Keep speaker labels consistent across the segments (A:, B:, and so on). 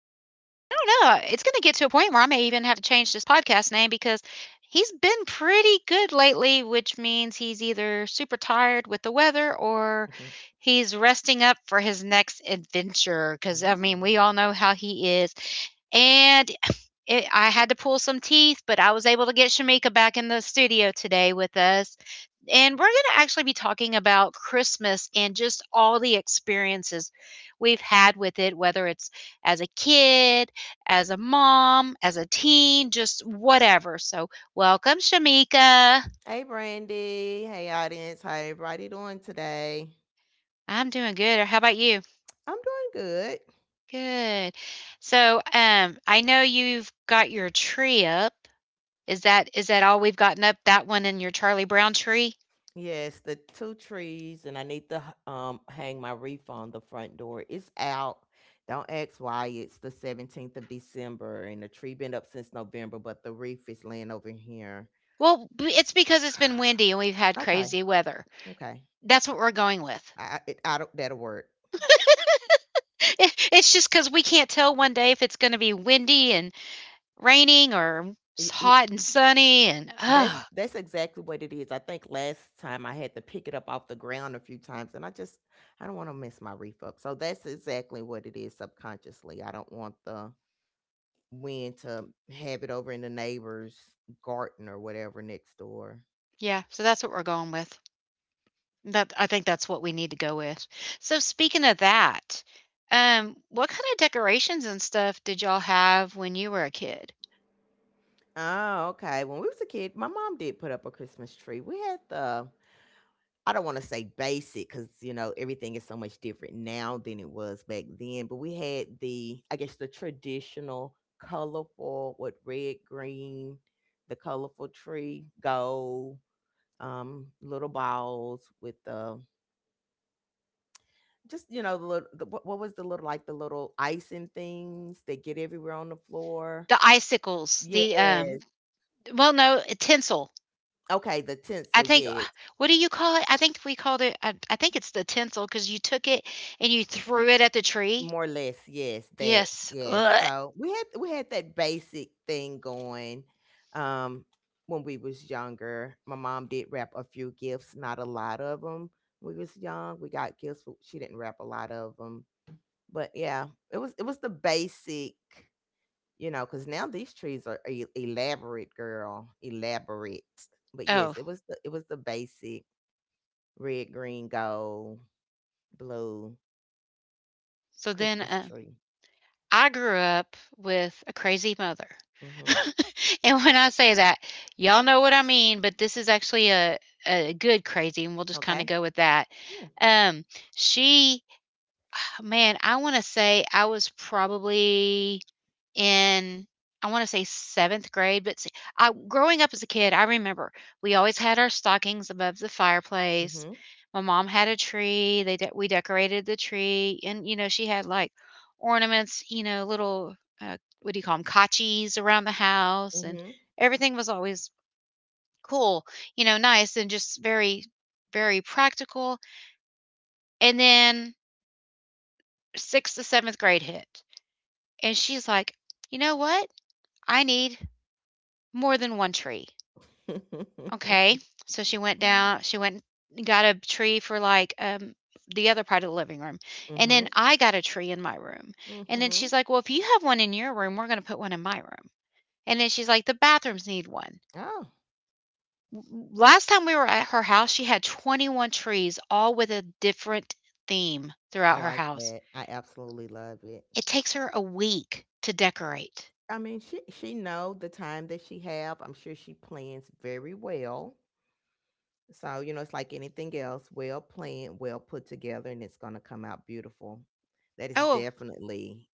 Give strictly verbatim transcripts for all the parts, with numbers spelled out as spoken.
A: don't know, uh, it's going to get to a point where I may even have to change this podcast name because he's been pretty good lately, which means he's either super tired with the weather or he's resting up for his next adventure. Because, I mean, we
B: Mhm.
A: all know how he is. And. It, I had to pull some teeth, but I was able to get Shamika back in the studio today with us. And we're going to actually be talking about Christmas and just all the experiences we've had with it, whether it's as a kid, as a mom, as a teen, just whatever. So, welcome, Shamika.
B: Hey, Brandy. Hey, audience. How everybody doing today?
A: I'm doing good. How about you?
B: I'm doing good.
A: Good. So, um, I know you've got your tree up. Is that is that all we've gotten up? That one and your Charlie Brown tree?
B: Yes, the two trees, and I need to h- um hang my wreath on the front door. It's out. Don't ask why. It's the seventeenth of December, and the tree been up since November, but the wreath is laying over here.
A: Well, b- it's because it's been windy and we've had
B: Okay,
A: crazy weather.
B: okay.
A: That's what we're going with.
B: I, I- it, I don't, That'll work.
A: It, it's just because we can't tell one day if it's going to be windy and raining or s- hot and sunny and
B: That's
A: oh
B: that's exactly what it is. I think last time I had to pick it up off the ground a few times and I just I don't want to mess my reef up. So that's exactly what it is subconsciously. I don't want the wind to have it over in the neighbor's garden or whatever next door.
A: yeah, so that's what we're going with. That, I think that's what we need to go with. So, speaking of that, um what kind of decorations and stuff did y'all have when you were a kid?
B: Oh, okay. When we was a kid, my mom did put up a Christmas tree. We had the— I don't want to say basic because you know everything is so much different now than it was back then. But we had the, I guess, the traditional colorful with red, green, the colorful tree, gold, um, little balls with the— just you know the little the, what what was the little, like the little icing things that get everywhere on the floor.
A: The icicles,
B: Yes.
A: the um, well no, tinsel.
B: Okay, the
A: I
B: tinsel.
A: think,
B: Yes.
A: what do you call it, I think we called it i, I think it's the tinsel because you took it and you threw it at the tree.
B: More or less, yes, that
A: Yes.
B: yes.
A: Ugh.
B: So we had we had that basic thing going um when we was younger. My mom did wrap a few gifts, not a lot of them. We was young. We got gifts, but she didn't wrap a lot of them. But yeah, it was it was the basic, you know, because now these trees are e- elaborate, girl, elaborate. But yes,
A: Oh.
B: it was the it was the basic red, green, gold, blue
A: So then,
B: Christmas
A: uh,
B: tree.
A: I grew up with a crazy mother.
B: Hmm.
A: And when I say that, y'all know what I mean, but this is actually a a good crazy, and we'll just kinda
B: Okay.
A: go with that. Um, she man, I wanna say I was probably in, I want to say seventh grade, but see, I, growing up as a kid, I remember we always had our stockings above the fireplace.
B: Mhm.
A: My mom had a tree. They de- we decorated the tree, and you know she had like ornaments, you know, little uh, what do you call them, kachis around the house, and
B: Mhm.
A: everything was always cool, you know, nice and just very, very practical. And then sixth to seventh grade hit, and she's like, you know what? I need more than one tree. Okay. So she went down, she went and got a tree for like um the other part of the living room.
B: Mhm.
A: And then
B: Mhm.
A: I got a tree in my room. And then she's like, "Well, if you have one in your room, we're going to put one in my room." And then she's like, "The bathrooms need one."
B: Oh,
A: W- Last time we were at her house, she had twenty-one trees all with a different theme
B: I
A: throughout her
B: like
A: house.
B: that. I absolutely love it.
A: It takes her a week to decorate.
B: I mean, she she know the time that she have. I'm sure she plans very well. So you know, it's like anything else, well planned, well put together, and it's gonna come out beautiful. That is
A: Oh,
B: definitely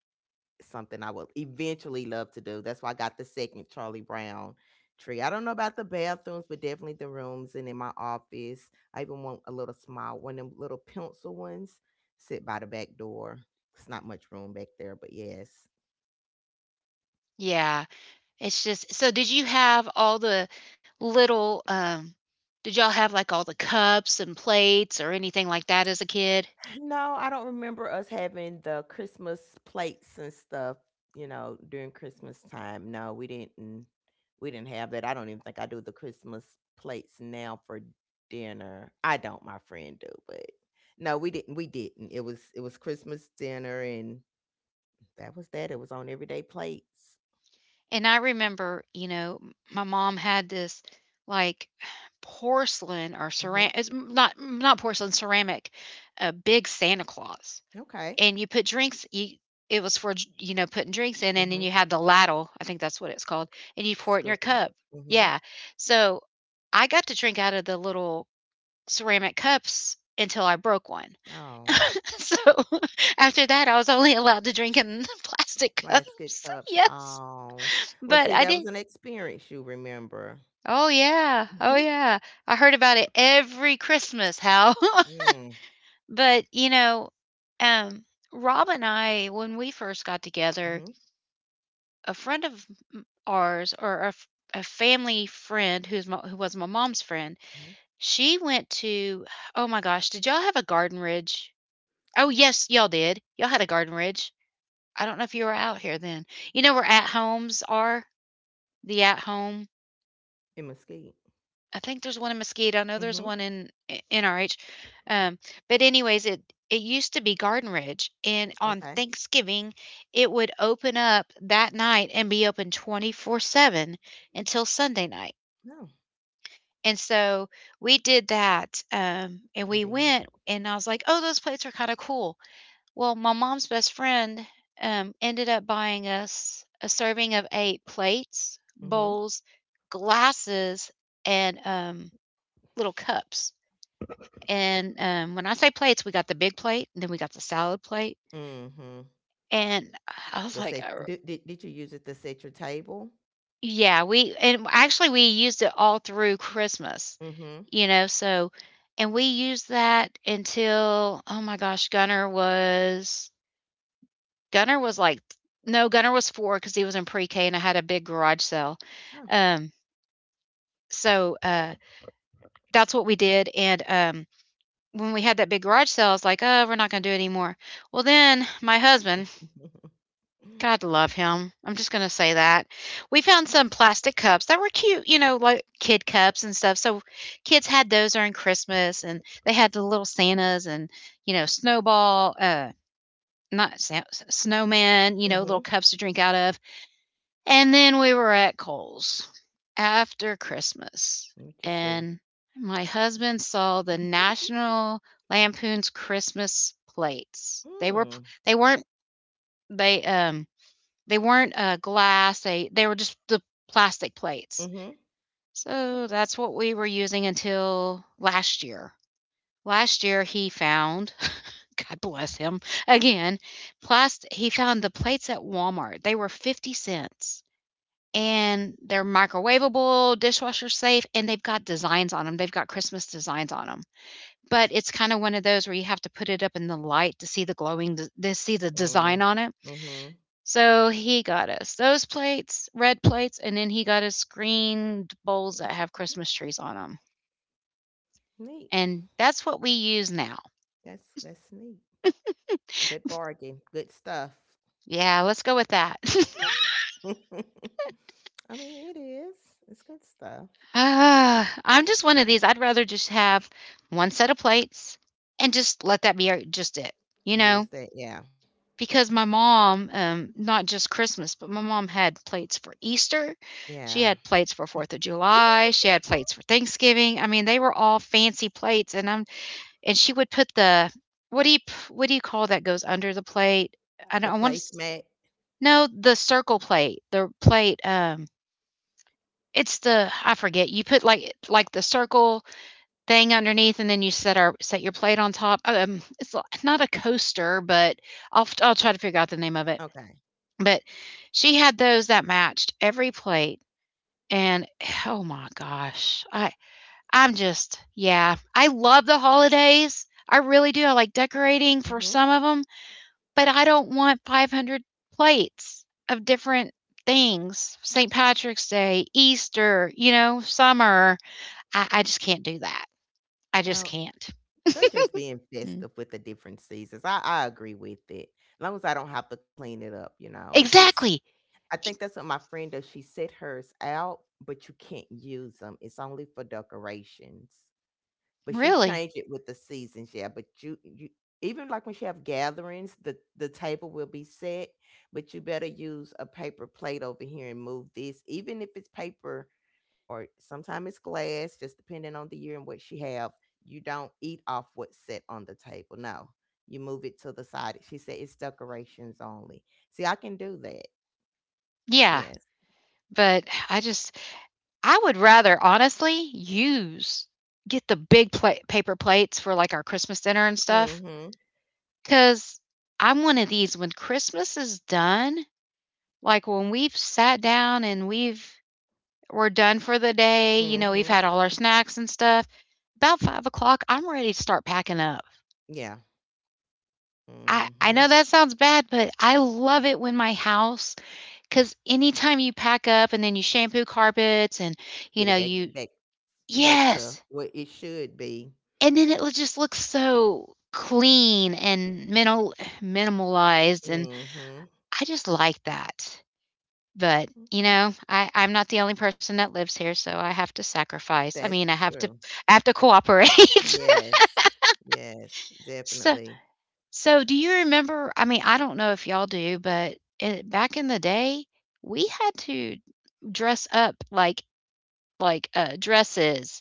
B: something I would eventually love to do. That's why I got the second Charlie Brown tree. I don't know about the bathrooms, but definitely the rooms and in my office. I even want a little small one, of them little pencil ones, sit by the back door. It's not much room back there, but yes.
A: yeah. It's just so, did you have all the little, um did y'all have, like, all the cups and plates or anything like that as a kid?
B: No, I don't remember us having the Christmas plates and stuff, you know, during Christmas time. No, we didn't we didn't have that. I don't even think I do the Christmas plates now for dinner. I don't, my friend do, but no, we didn't we didn't. It was— it was Christmas dinner and that was that. It was on everyday plates.
A: And I remember, you know, m my mom had this, like, porcelain or
B: Mhm.
A: ceramic. It's m- not not porcelain, ceramic, a big Santa Claus,
B: Okay.
A: and you put drinks you it was for j you know, putting drinks in, and then
B: Mhm.
A: you had the ladle, I think that's what it's called, and you pour it in your
B: Scoop it.
A: cup.
B: Mhm.
A: Yeah. So, I got to drink out of the little ceramic cups until I broke one.
B: Oh,
A: So after that, I was only allowed to drink in plastic
B: plastic
A: cups.
B: cups.
A: Yes,
B: Oh. Well,
A: but
B: see,
A: I
B: that was
A: did.
B: an experience you remember.
A: Oh yeah, oh yeah. I heard about it every Christmas. How?
B: Mm,
A: But you know, um, Rob and I, when we first got together,
B: mhm,
A: a friend of m- ours or a, f- a family friend who's my, who was my mom's friend,
B: mhm.
A: she went to. Oh my gosh, did y'all have a Garden Ridge? Oh, yes, y'all did. Y'all had a Garden Ridge. I don't know if you were out here then. You know where At-Homes are? The At-Home.
B: In Mesquite.
A: I think there's one in Mesquite. I know there's
B: Mhm,
A: one in i- N R H. Um, but anyways, it it used to be Garden Ridge, and on
B: okay.
A: Thanksgiving, it would open up that night and be open twenty-four seven until Sunday night.
B: No.
A: And so we did that, um, and we
B: Convenient.
A: went, and I was like, "Oh, those plates are kind of cool." Well, my mom's best friend, um, ended up buying us a serving of eight plates,
B: Mm.
A: bowls, glasses, and, um, little cups, and, um, when I say plates, we got the big plate, and then we got the salad plate,
B: Mhm, mm, mhm.
A: and I was
B: The
A: like,
B: set—
A: "Er."
B: did di did you use it to set your table?
A: Yeah, we, and actually, we used it all through Christmas,
B: Mm. Mhm.
A: you know, so, and we used that until, oh my gosh, Gunner was Gunner was like no, Gunner was four because he was in pre-K and I had a big garage sale.
B: Oh.
A: Um, so, uh, that's what we did, and, um, when we had that big garage sale, I was like, "Oh, we're not gonna do it anymore." Well, then my husband, God
B: Mm.
A: love him, I'm just gonna say that, we found some plastic cups that were cute, you know, like kid cups and stuff, so kids had those during Christmas, and they had the little Santas and, you know, snowball, uh, not snowman, you know, little
B: Mhm.
A: cups to drink out of. And then we were at Kohl's after Christmas,
B: Let me see.
A: and my husband saw the National Lampoon's Christmas plates. They were,
B: Mm,
A: they weren't they, um, they weren't, uh, glass, they they were just the plastic plates.
B: mhm,
A: So that's what we were using until last year. Last year, he found God bless him, again, plast he found the plates at Walmart. They were fifty cents. And they're microwavable, dishwasher safe, and they've got designs on them. 'em. They've got Christmas designs on them. But it's kinda one of those where you have to put it up in the light to see the glowing to see the
B: mm,
A: design on it.
B: mhm.
A: So he got us those plates, red plates, and then he got us screened bowls that have Christmas trees on them.
B: Neat.
A: And that's what we use now.
B: That's that's neat. Good bargain. Good stuff.
A: Yeah, let's go with that.
B: I mean, it is. It's good stuff.
A: uh, I'm just one of these, I'd rather just have one set of plates and just let that be our just it, you know?
B: Use that. Yeah.
A: Because my mom, um, not just Christmas, but my mom had plates for Easter, she
B: Yeah.
A: had plates for Fourth of July, she had plates for Thanksgiving. I mean, they were all fancy plates, and I'm and she would put the, what do you p- what do you call that goes under the plate? I don't
B: The
A: I want to
B: placemat?
A: no, the circle plate, the plate. Um, it's the, I forget. You put like like the circle thing underneath, and then you set our set your plate on top. Um, it's not a coaster, but I'll i I'll try to figure out the name of it,
B: Okay.
A: but she had those that matched every plate, and oh my gosh, I I'm just yeah, I love the holidays. I really do. I like decorating for
B: Mhm.
A: some of them, but I don't want five hundred plates of different things. Saint Patrick's Day, Easter, you know, summer. I I just can't do that. I just
B: Oh,
A: can't.
B: they're just being
A: Mm.
B: festive with the different seasons. I I agree with it. As long as I don't have to clean it up, you know. If it's—
A: Exactly.
B: I think that's what my friend does. She set hers out, but you can't use them. It's only for decorations, but she
A: Really.
B: changed it with the seasons. Yeah, but you— you even like when she have gatherings, the the table will be set, but you better use a paper plate over here and move this, even if it's paper or sometimes it's glass, just depending on the year and what she have. You don't eat off what's set on the table. No, you move it to the side. She said it's decorations only. See, I can do that.
A: Yeah,
B: Yes.
A: but I just I would rather honestly use get the big pla- paper plates for like our Christmas dinner and stuff,
B: Mm-hmm.
A: cuz I'm one of these when Christmas is done, like when we've sat down and we've we're done for the day, you know, we've
B: Mm-hmm.
A: had all our snacks and stuff. About five o'clock, I'm ready to start packing up.
B: Yeah.
A: I, I
B: Mm-hmm.
A: know that sounds bad, but I love it when my house, because anytime you pack up and then you shampoo carpets and, you
B: Get
A: know,
B: it back—
A: you,
B: back back to
A: yes,
B: what it should be.
A: and then it will just look so clean and minimal minimalized, and
B: Mhm.
A: I just like that. But, you
B: Mhm.
A: know, I I'm not the only person that lives here, so I have to sacrifice. I
B: That's
A: mean, I have to
B: true.
A: I have to cooperate.
B: Yes. Yes,
A: So,
B: definitely.
A: so do you remember, I mean, I don't know if y'all do, but, eh, back in the day, we had to dress up, like, like uh, dresses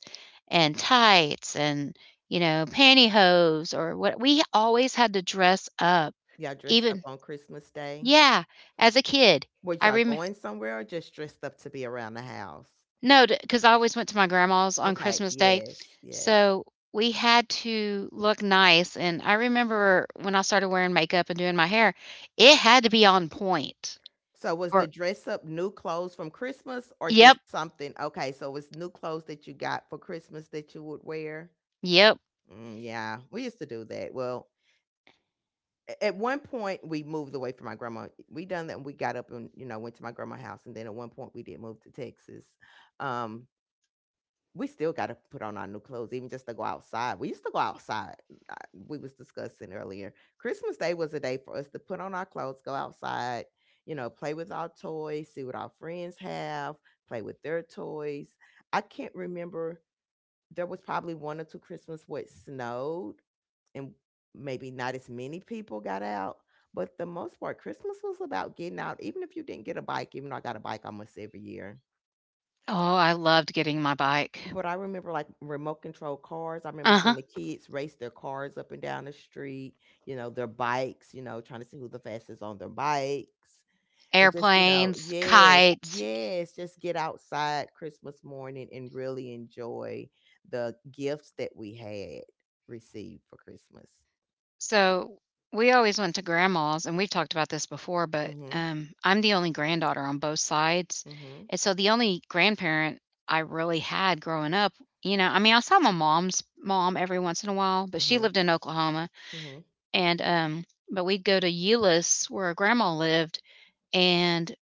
A: and tights and you know pantyhose, or what, we always had to dress up
B: Y'all dressed up
A: even,
B: on Christmas Day?
A: yeah, as a kid.
B: Was
A: I
B: y'all
A: remember,
B: going somewhere or just dressed up to be around the house?
A: no, because I always went to my grandma's on
B: Okay,
A: Christmas Day.
B: yes, yes.
A: So we had to look nice and I remember when I started wearing makeup and doing my hair it had to be on point.
B: So was the
A: For,
B: dress up new clothes from Christmas or just
A: yep,
B: something? Okay, so it's new clothes that you got for Christmas that you would wear?
A: yep.
B: Mm, yeah, we used to do that. Well, a- at one point we moved away from my grandma. We done that and we got up and you know went to my grandma's house and then at one point we did move to Texas. Um we still got to put on our new clothes even just to go outside. We used to go outside. I, we was discussing earlier. Christmas day was a day for us to put on our clothes, go outside, you know, play with our toys, see what our friends have, play with their toys. I can't remember— there was probably one or two Christmas where it snowed and maybe not as many people got out. But the most part, Christmas was about getting out, even if you didn't get a bike, even though I got a bike almost every year.
A: Oh, I loved getting my bike.
B: But I remember like remote control cars. I remember seeing
A: Uh-huh.
B: the kids race their cars up and down the street, you know, their bikes, you know, trying to see who the fastest on their bikes. And just, you know,
A: Airplanes,
B: yes,
A: kites.
B: yes, just get outside Christmas morning and really enjoy the gifts that we had received for Christmas.
A: So we always went to grandma's, and we've talked about this before, but
B: Mhm.
A: um, I'm the only granddaughter on both sides.
B: Mhm.
A: And so the only grandparent I really had growing up, you know, I mean, I saw my mom's mom every once in a while, but she
B: Mhm.
A: lived in Oklahoma.
B: Mhm.
A: And, um, but we'd go to Euless where grandma lived. And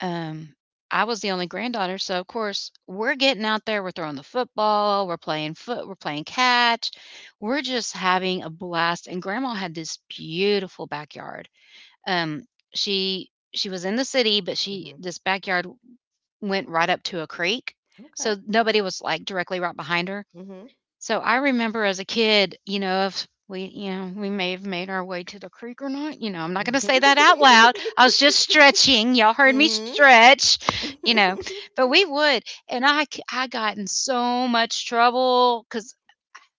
A: um, I was the only granddaughter, so of course we're getting out there, we're throwing the football, we're playing foot, we're playing catch, we're just having a blast. And grandma had this beautiful backyard. Um, she she was in the city, but she
B: Mhm.
A: this backyard went right up to a creek,
B: Okay.
A: so nobody was like directly right behind her.
B: Mhm.
A: So I remember as a kid, you know, if we, you know, we may have made our way to the creek or not. You know, I'm not going to say that out loud. I was just stretching. Y'all heard me
B: Mhm.
A: stretch, you know, but we would. And I, c- I got in so much trouble because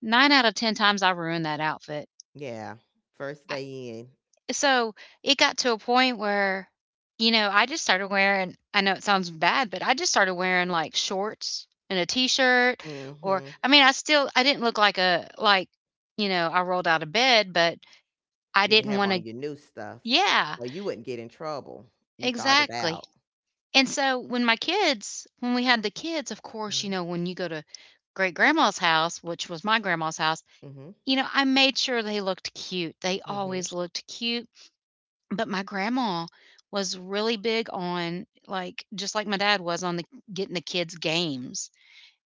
A: nine out of ten times I ruined that outfit.
B: Yeah. First day in.
A: So, it got to a point where, you know, I just started wearing I know it sounds bad, but I just started wearing, like, shorts and a t-shirt. Or
B: Mhm.
A: I mean, I still I didn't look like a like, you know, I rolled out of bed, but I
B: You'd
A: didn't
B: have
A: wanna
B: on your new stuff,
A: Yeah,
B: or you wouldn't get in trouble. You thought it
A: exactly.
B: out.
A: And so, when my kids When we had the kids, of course, you
B: Mhm.
A: know, when you go to great-grandma's house, which was my grandma's house,
B: Mhm.
A: you know, I made sure they looked cute. They
B: Mhm.
A: always looked cute. But my grandma was really big on, like just like my dad was on the getting the kids games,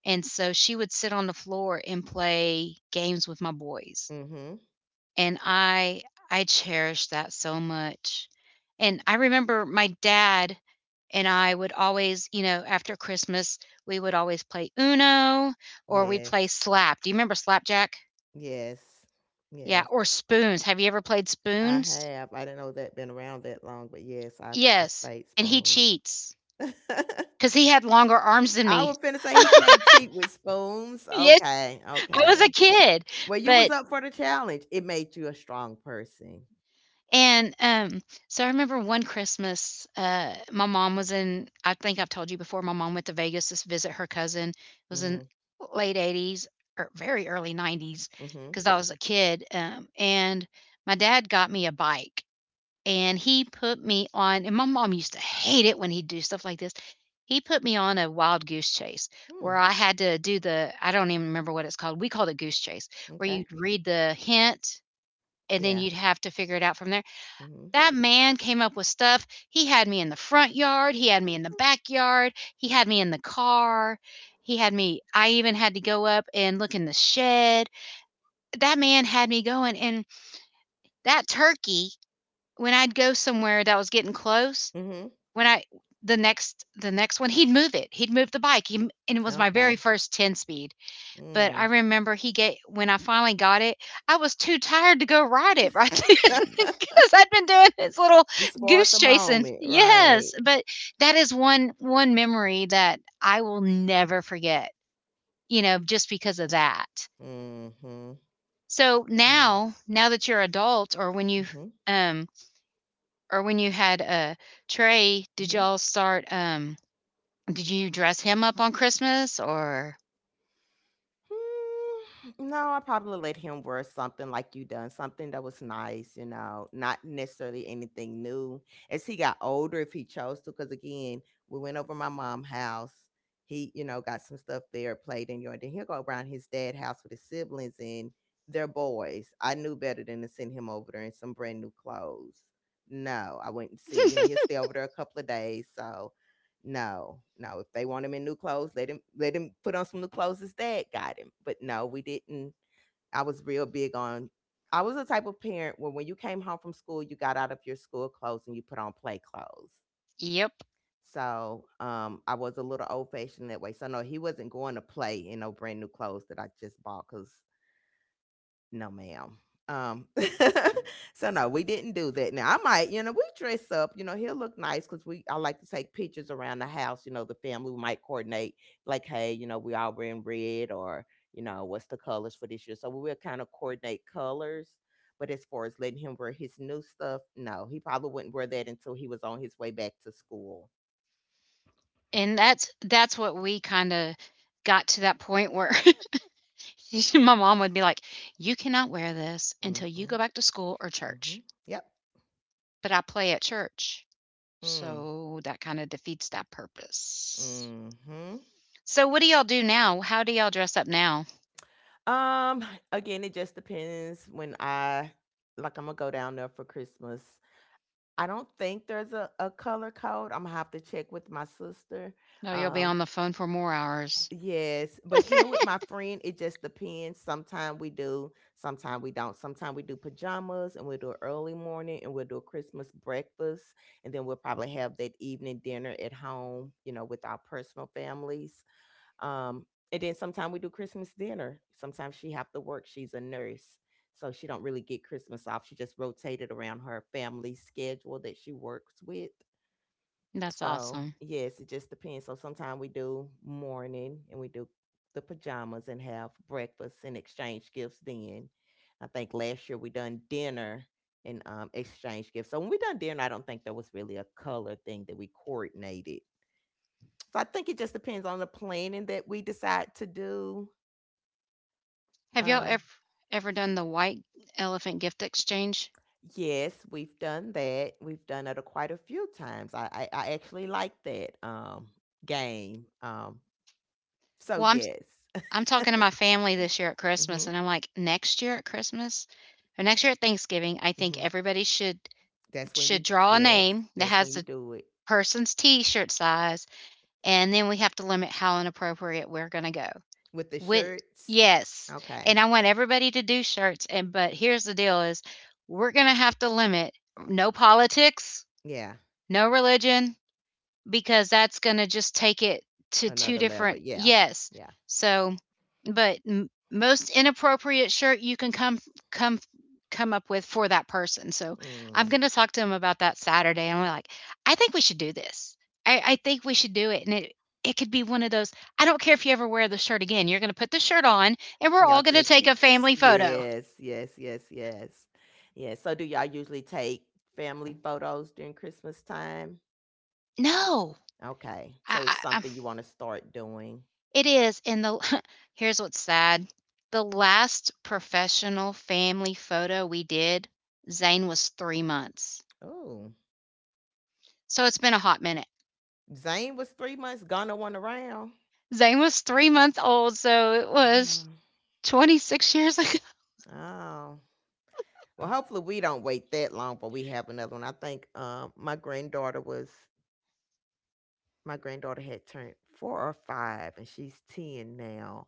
A: and so she would sit on the floor and play games with my boys,
B: Mhm.
A: and I I cherished that so much, and I remember my dad and I would always, you know, after Christmas, we would always play Uno or we play
B: Yes.
A: Slap. Do you remember Slapjack?
B: Yes.
A: Yeah,
B: Yes.
A: or Spoons. Have you ever played
B: I
A: Spoons?
B: have. I didn't know that been around that long, but yes, I've I've
A: Yes,
B: played
A: and he
B: spoons.
A: cheats. 'Cause he had longer arms than
B: I
A: me.
B: was finna say he can't cheat with spoons.
A: Yes,
B: Okay,
A: I was a
B: okay.
A: kid,
B: Well, you was
A: but
B: up for the challenge. It made you a strong person.
A: and, um, so I remember one Christmas, uh, my mom was in I think I've told you before, my mom went to Vegas to visit her cousin. It was in
B: Mhm.
A: late eighties or very early nineties,
B: Mhm.
A: because I was a kid, um, and my dad got me a bike. And he put me on and my mom used to hate it when he'd do stuff like this. He put me on a wild goose chase
B: Hmm.
A: where I had to do the I don't even remember what it's called. We called it goose chase, where you'd
B: Okay.
A: read the hint and then
B: Yeah.
A: you'd have to figure it out from there.
B: Mhm.
A: That man came up with stuff. He had me in the front yard, he had me in the backyard, he had me in the car. He had me I even had to go up and look in the shed. That man had me going and that turkey when I'd go somewhere that was getting close,
B: Mhm.
A: when I the next the next one, he'd move it. He'd move the bike. He and it was my very
B: Okay.
A: first ten speed, but I
B: Mm.
A: remember he ga when I finally got it, I was too tired to go ride it right then because 'cause I'd been doing this little
B: He spoiled
A: goose
B: the
A: chasing.
B: moment, right?
A: Yes, but that is one one memory that I will never forget, you know, just because of that.
B: Mhm.
A: So
B: Yes.
A: now now that you're adult or when you,
B: Mhm.
A: um or when you had, a Trey, did
B: Mhm.
A: y'all start, um did you dress him up on Christmas or
B: Hmm. No, I probably let him wear something like you done, something that was nice, you know, not necessarily anything new. As he got older, if he chose to, because again, we went over my mom's house. He, you know, got some stuff there, played in yard. Then he'll go around his dad's house with his siblings and their boys. I knew better than to send him over there in some brand new clothes. No, I wouldn't see him. You know, he'll stay over there a couple of days. So no, no. If they want him in new clothes, let him— let him put on some new clothes. His dad got him, but no, we didn't. I was real big on— I was the type of parent where when you came home from school, you got out of your school clothes and you put on play clothes.
A: Yep,
B: So um, I was a little old fashioned that way. So no, he wasn't going to play in no brand new clothes that I just bought because no, ma'am. Um, so no, we didn't do that. Now I might, you know, we dress up. You know, he'll look nice because we— I like to take pictures around the house. You know, the family we might coordinate, like, hey, you know, we all wearing red, or you know, what's the colors for this year? So we will kind of coordinate colors. But as far as letting him wear his new stuff, no, he probably wouldn't wear that until he was on his way back to school.
A: and that's that's what we kinda got to that point where my mom would be like, "You cannot wear this until you
B: Mm-hmm.
A: go back to school or
B: Mm-hmm.
A: church."
B: Yep.
A: But I play at church,
B: Mm.
A: so that kinda defeats that purpose.
B: Hmm.
A: So what do y'all do now? How do y'all dress up now?
B: Um, Again, it just depends when I— like I'm gonna go down there for Christmas. I don't think there's a, a color code. I'm gonna have to check with my sister.
A: Oh, you'll be
B: Um,
A: on the phone for more hours.
B: yes, but here with my friend, it just depends. Sometimes we do, sometimes we don't. Sometimes we do pajamas and we'll do an early morning and we'll do a Christmas breakfast, and then we'll probably have that evening dinner at home, you know, with our personal families. Um, and then sometimes we do Christmas dinner. Sometimes she have to work. She's a nurse, so she don't really get Christmas off. She just rotated around her family schedule that she works with.
A: That's
B: So
A: awesome.
B: yes, it just depends. So sometimes we do morning and we do the pajamas and have breakfast and exchange gifts. Then I think last year we done dinner and um, exchange gifts. So when we done dinner, I don't think there was really a color thing that we coordinated. So I think it just depends on the planning that we decide to do.
A: Have y'all
B: Um,
A: ever ever done the white elephant gift exchange?
B: yes, we've done that. We've done it a, quite a few times. I, I, I actually like that um, game. Um, so
A: Well, I'm
B: yes.
A: I'm talking to my family this year at Christmas,
B: hmm
A: and I'm like, next year at Christmas or next year at Thanksgiving, I think
B: hmm
A: everybody should
B: That's when you
A: should draw a
B: yes,
A: name that
B: that's when
A: has
B: you
A: the
B: do it
A: person's T-shirt size, and then we have to limit how inappropriate we're gonna go
B: with the
A: with.
B: shirts.
A: Yes,
B: Okay,
A: and I want everybody to do shirts, and but here's the deal: is we're gonna have to limit no politics,
B: yeah,
A: no religion, because that's going to just take it to two
B: another level.
A: different
B: Yeah,
A: yes.
B: yeah.
A: So, but m- most inappropriate shirt you can come come come up with for that person. So, I'm
B: Mm.
A: going to talk to him about that Saturday and we're like, "I think we should do this. I I think we should do it." And it it could be one of those, I don't care if you ever wear the shirt again. You're going to put the shirt on and we're
B: Y'all
A: all going to
B: take
A: take
B: yes.
A: a family photo.
B: Yes, yes, yes, yes. Yes. So do y'all usually take family photos during Christmas time?
A: No.
B: Okay. So it's
A: I, I,
B: something you want to start doing.
A: It is, and the here's what's sad. The last professional family photo we did, Zane was three months.
B: Oh.
A: So it's been a hot minute.
B: Zane was three months, Ghana one around.
A: Zane was three months old, so it was
B: Mm.
A: twenty-six years ago.
B: Oh. Well, hopefully we don't wait that long but we have another one. I think um my granddaughter was my granddaughter had turned four or five and she's ten now.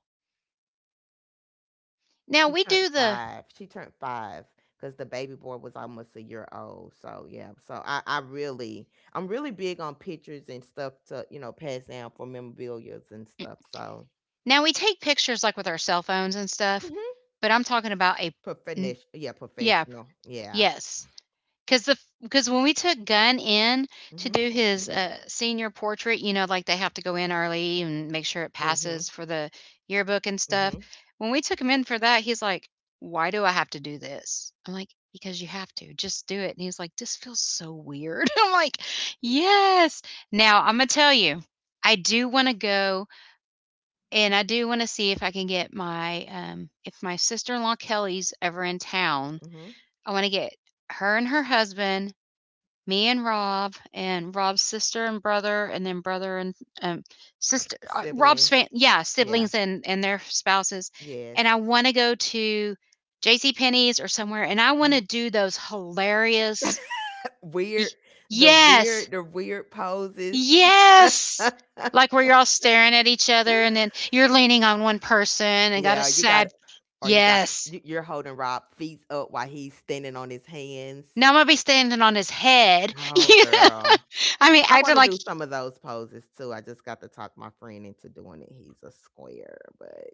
A: Now
B: She
A: we
B: turned
A: do the
B: five. She turned five because the baby boy was almost a year old, so, yeah. So, I I really I'm really big on pictures and stuff to, you know, pass down for memorabilia and stuff, so
A: now we take pictures like with our cell phones and stuff,
B: mhm.
A: but I'm talking about a n
B: Profenesh, yeah,
A: yeah,
B: professional. Yeah.
A: yes. Because the because when we took Gunn in to
B: Mhm.
A: do his uh, senior portrait, you know, like they have to go in early and make sure it
B: Mhm.
A: passes for the yearbook and stuff.
B: Mhm.
A: When we took him in for that, he's like, "Why do I have to do this?" I'm like, "Because you have to. Just do it." And he's like, "This feels so weird." I'm like, "Yes." Now I'm gonna tell you, I do want to go and I do want to see if I can get my um, if my sister in law Kelly's ever in town.
B: Mhm.
A: I want to get her and her husband me and Rob and Rob's sister and brother, and then brother and um, sister, uh, Rob's fan,
B: Siblings.
A: yeah,
B: Yeah.
A: siblings and and their spouses. And I
B: Yes.
A: want to go to J C. Penney's or somewhere, and I want to
B: Mhm.
A: do those hilarious. y-
B: Weird, the
A: Yes,
B: weird the weird poses.
A: yes. Like where you're all staring at each other, and then you're leaning on one person and got a
B: Yeah, you got,
A: sad.
B: or you got
A: Yes.
B: you you're holding Rob feet up while he's standing on his hands.
A: Now I'm gonna be standing on his head.
B: Oh,
A: You know?
B: girl.
A: I mean,
B: I I
A: acting
B: wanna
A: like
B: do some of those poses too. I just got to talk my friend into doing it. He's a square, but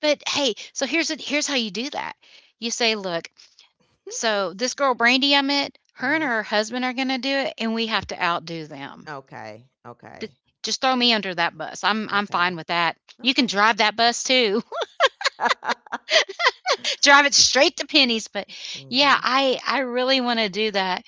A: But hey, so here's it. Here's how you do that. You say, look, so this girl Brandy I met, her and
B: mhm.
A: her husband are going to do it, and we have to outdo them.
B: Okay,
A: D-
B: okay,
A: Just throw me under that bus. I'm I'm
B: okay,
A: fine with that. You can
B: okay.
A: drive that bus too. Drive it straight to Penny's. But yeah,
B: Mhm.
A: I I really want to do that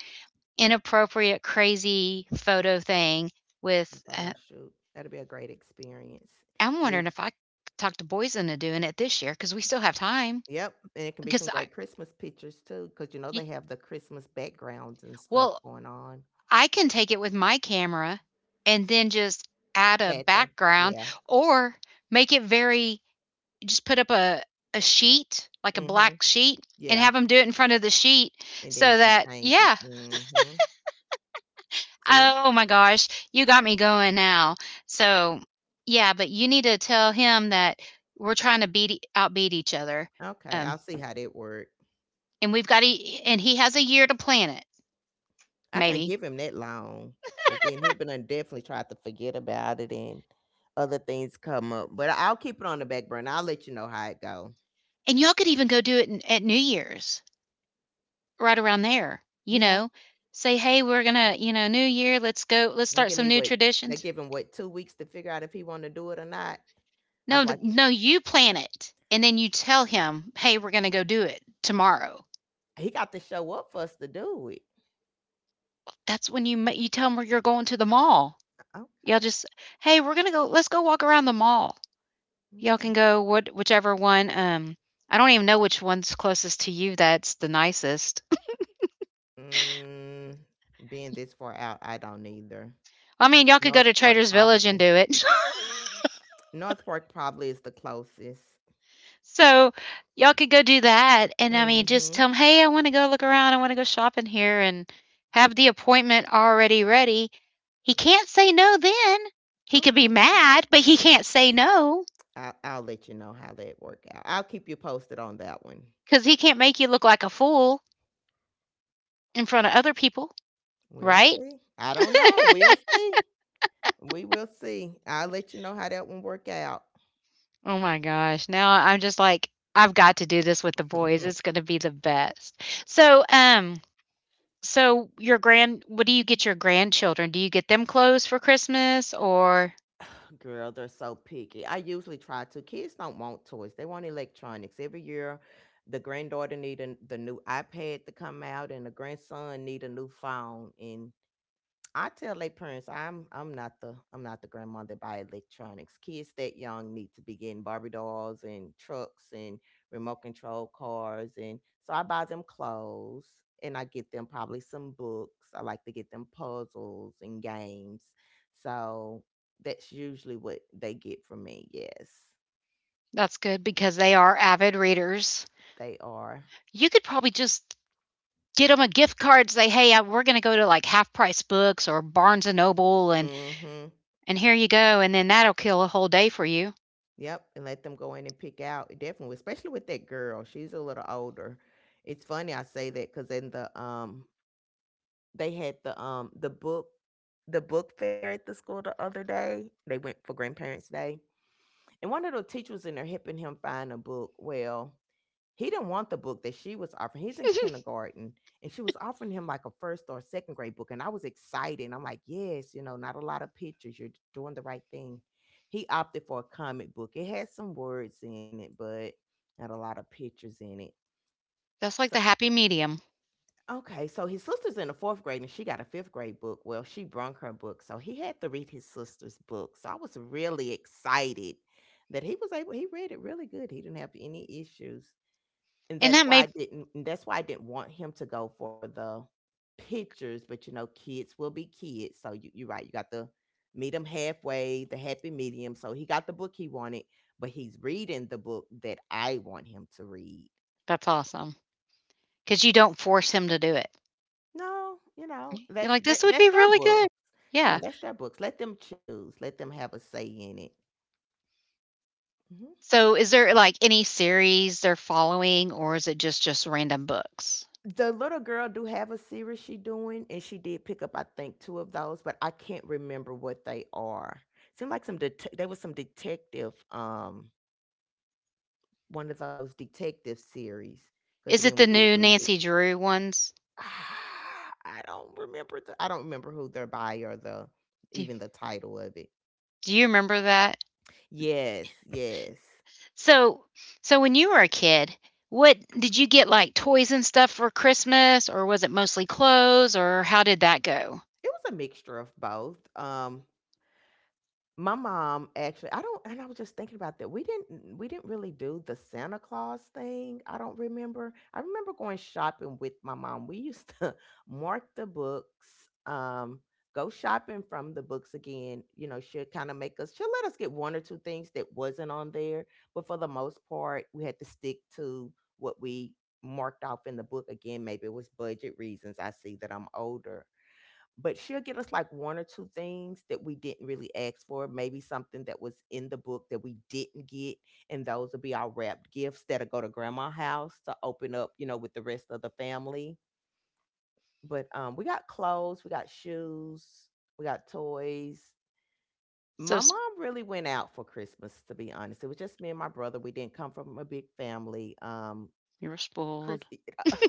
A: inappropriate, crazy photo thing with.
B: The photo
A: Uh,
B: shoot, that'll be a great experience.
A: I'm
B: Be
A: wondering if I could talk to boys into doing it this year because we still have time.
B: yep, and it can be
A: Because
B: some
A: I,
B: great Christmas pictures too, because you know,
A: y-
B: they have the Christmas backgrounds and stuff
A: well,
B: going on
A: I can take it with my camera and then just add a
B: at the
A: background
B: yeah.
A: or make it very just put up a a sheet, like a
B: Mhm.
A: black sheet, and have
B: Yeah.
A: have 'em do it in front of the sheet
B: And then
A: so
B: you can
A: that
B: change it.
A: yeah.
B: Hmm. See?
A: Oh my gosh, you got me going now. So, yeah, but you need to tell him that we're trying to beat e outbeat each other,
B: Okay,
A: um,
B: I'll see how that works.
A: and we've got a and he has a year to plan it,
B: I can't
A: maybe.
B: give him that long because then he'll be done definitely try to forget about it and other things come up. But I'll keep it on the back burner. I'll let you know how it go.
A: And y'all could even go do it in at New Year's. Right around there, you
B: Yeah.
A: know? Say, "Hey, we're gonna you know, New Year, let's go let's
B: They
A: start
B: give
A: some
B: me
A: new
B: what, they
A: traditions."
B: give him what, two weeks to figure out if he want to do it or not. I'm
A: No, th
B: like,
A: no, you plan it, and then you tell him, "Hey, we're gonna go do it tomorrow."
B: he got to show up for us to do it.
A: That's when you ma you tell him where you're going to the mall. Y'all
B: Okay.
A: just, "Hey, we're gonna go let's go walk around the mall." Y'all
B: Okay.
A: can go what whichever one, um I don't even know which one's closest to you that's the nicest.
B: Mm, being this far out, I don't either.
A: I mean, y'all could go
B: North
A: to
B: Park
A: Trader's Village and
B: probably.
A: do it.
B: North Fork probably is the closest.
A: So y'all could go do that, and I mean, just
B: Hmm.
A: tell tell 'em, "Hey, I wanna go look around, I wanna go shopping here," and have the appointment already ready. He can't say no then. He could be
B: Okay.
A: mad, but he can't say no
B: I'll, I'll let you know how that work out. I'll keep you posted on that one.
A: because he can't make you look like a fool in front of other people,
B: We'll
A: right?
B: see. I don't know. We'll see. We will see. I'll let you know how that one work out.
A: Oh my gosh, now I'm just like, "I've got to do this with the boys, it's gonna be the best." So, um, so your grand what do you get your grandchildren? Do you get them clothes for Christmas or
B: Girl, they're so picky. I usually try to. Kids don't want toys. They want electronics. Every year, the granddaughter need a, the new iPad to come out, and the grandson need a new phone. And I tell their parents I'm I'm not the I'm not the grandma that buy electronics. Kids that young need to be getting Barbie dolls and trucks and remote control cars, and so I buy them clothes and I get them probably some books. I like to get them puzzles and games. So that's usually what they get from me. Yes.
A: That's good because they are avid readers.
B: They are.
A: You could probably just get them a gift card and say, "Hey, I, we're going to go to like Half Price Books or Barnes and Noble and
B: Mhm.
A: and here you go." And then that'll kill a whole day for you.
B: Yep, and let them go in and pick out. Definitely, especially with that girl. She's a little older. It's funny I say that because in the um they had the um the book the book fair at the school the other day. They went for grandparents day. And one of the teachers was in there helping him find a book. Well, he didn't want the book that she was offering. He's in kindergarten and she was offering him like a first or second grade book. And I was excited. And I'm like, yes, you know, not a lot of pictures. You're doing the right thing. He opted for a comic book. It had some words in it, but not a lot of pictures in it.
A: That's like
B: So
A: the happy medium.
B: okay, so his sister's in the fourth grade and she got a fifth grade book. Well, she brung her book, so he had to read his sister's book. So I was really excited that he was able. He read it really good. He didn't have any issues, and
A: And
B: that's
A: that
B: why
A: may
B: I didn't. and That's why I didn't want him to go for the pictures. But you know, kids will be kids. So you, you're right. You got to meet him halfway, the happy medium. So he got the book he wanted, but he's reading the book that I want him to read.
A: That's awesome cuz you don't force him to do it.
B: No, you know,
A: You're
B: that's
A: like,
B: that,
A: "This would
B: that's
A: be
B: their
A: really
B: book.
A: good."
B: Yeah,
A: Yeah.
B: that's their books. Let them choose. Let them have a say in it. Mhm.
A: So is there like any series they're following or is it just just random books?
B: The little girl do have a series she doing, and she did pick up I think two of those, but I can't remember what they are. Seemed like some det- there was some detective, um, one of those detective series. Because
A: Is
B: again, we
A: it the
B: did
A: new
B: read it.
A: Nancy Drew ones?
B: Ah, I don't remember the. I don't remember who they're by or the
A: Do,
B: even the title of it.
A: do you remember that?
B: Yes, yes.
A: So, so when you were a kid, what did you get like toys and stuff for Christmas, or was it mostly clothes, or how did that go?
B: It was a mixture of both. Um, My mom actually I don't and I was just thinking about that. We didn't we didn't really do the Santa Claus thing. I don't remember. I remember going shopping with my mom. We used to mark the books, um, go shopping from the books again. You know, she'll kind of make us she'll let us get one or two things that wasn't on there, but for the most part, we had to stick to what we marked off in the book again. Maybe it was budget reasons. I see that I'm older, but she'll get us like one or two things that we didn't really ask for, maybe something that was in the book that we didn't get, and those will be our wrapped gifts that'll go to grandma's house to open up, you know, with the rest of the family. But um, we got clothes, we got shoes, we got toys.
A: So
B: My
A: sp-
B: mom really went out for Christmas, to be honest. It was just me and my brother. We didn't come from a big family. Um,
A: you were spoiled.
B: Chris,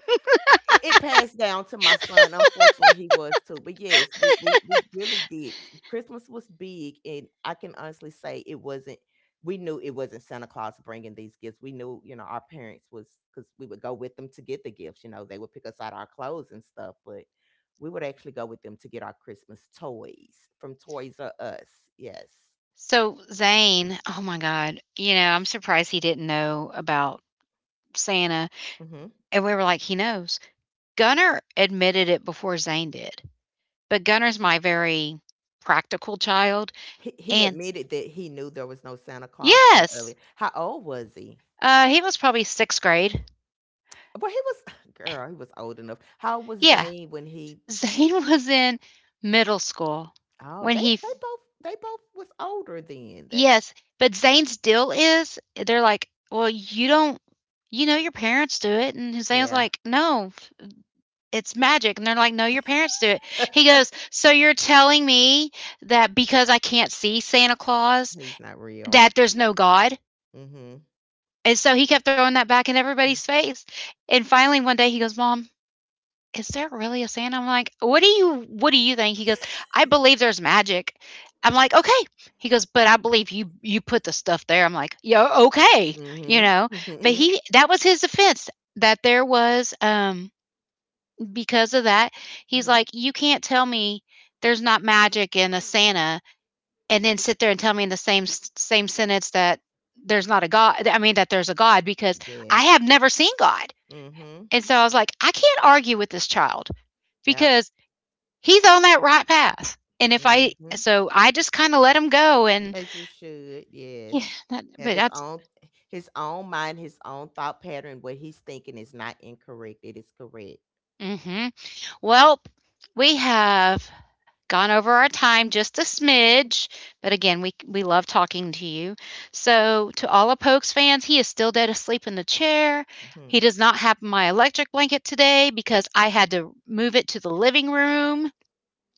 B: It it passed down to my son, unfortunately, he was too, but yes, we we we really did. Christmas was big, and I can honestly say it wasn't, we knew it wasn't Santa Claus bringing these gifts. We knew, you know, our parents was, because we would go with them to get the gifts. You know, they would pick us out our clothes and stuff, but we would actually go with them to get our Christmas toys from Toys R Us. Yes.
A: So Zane, oh my God, you know, I'm surprised he didn't know about Santa.
B: Hmm.
A: And we were like, he knows. Gunnar admitted it before Zane did. But Gunnar's my very practical child.
B: He, he
A: And
B: admitted that he knew there was no Santa Claus at an
A: yes,
B: early. How old was he?
A: uh, he was probably sixth grade.
B: Well, he was girl, he was old enough. How old was
A: Yeah.
B: Zayn when he
A: Zayn was in middle school
B: oh,
A: when
B: they
A: he f
B: they both they both was older then. That's
A: yes, but Zayn's deal is they're like, "Well, you don't you know your parents do it," and Zayn's
B: yeah,
A: like, "No, it's magic," and they're like, "No, your parents do it." He goes, "So you're telling me that because I can't see Santa Claus,
B: he's not real.
A: that there's no God?"
B: Mhm.
A: And so he kept throwing that back in
B: Mhm.
A: everybody's face, and finally one day he goes, "Mom, is there really a Santa?" I'm like, "What do you what do you think?" He goes, "I believe there's magic." I'm like, "Okay." He goes, "But I believe you you put the stuff there." I'm like, "Yeah, okay." You
B: Mm.
A: know, but
B: Mhm.
A: he that was his defense that there was um because of that. He's
B: Mhm.
A: like, "You can't tell me there's not magic in a Santa and then sit there and tell me in the same same sentence that there's not a God. I mean that there's a God because I
B: Yes.
A: have never seen God."
B: Mhm.
A: And so I was like, "I can't argue with this child."
B: Yep.
A: Because he's on that right path. And if
B: Mm.
A: I,
B: Mhm.
A: so I just kind of let him go. And
B: As you should. Yes.
A: yeah, that,
B: Have
A: but
B: his
A: that's,
B: own, his own mind, his own thought pattern. What he's thinking is not incorrect. It is correct.
A: hmm well, we have gone over our time just a smidge, but again, we, we love talking to you. So to all of Pokes fans, he is still dead asleep in the chair.
B: Mhm.
A: He does not have my electric blanket today because I had to move it to the living room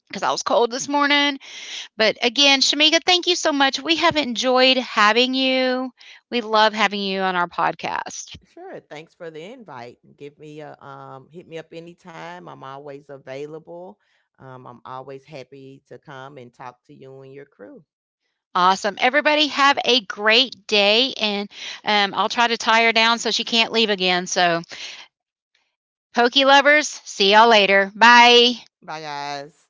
A: because I was cold this morning. But again, Shamika, thank you so much. We have enjoyed having you. We love having you on our podcast.
B: Sure. Thanks for the invite. Give me a um, hit me up anytime. I'm always available. Um, I'm always happy to come and talk to you and your crew.
A: Awesome. Everybody have a great day. And um, I'll try to tie her down so she can't leave again. So, Pokey lovers, see y'all later. Bye.
B: Bye, guys.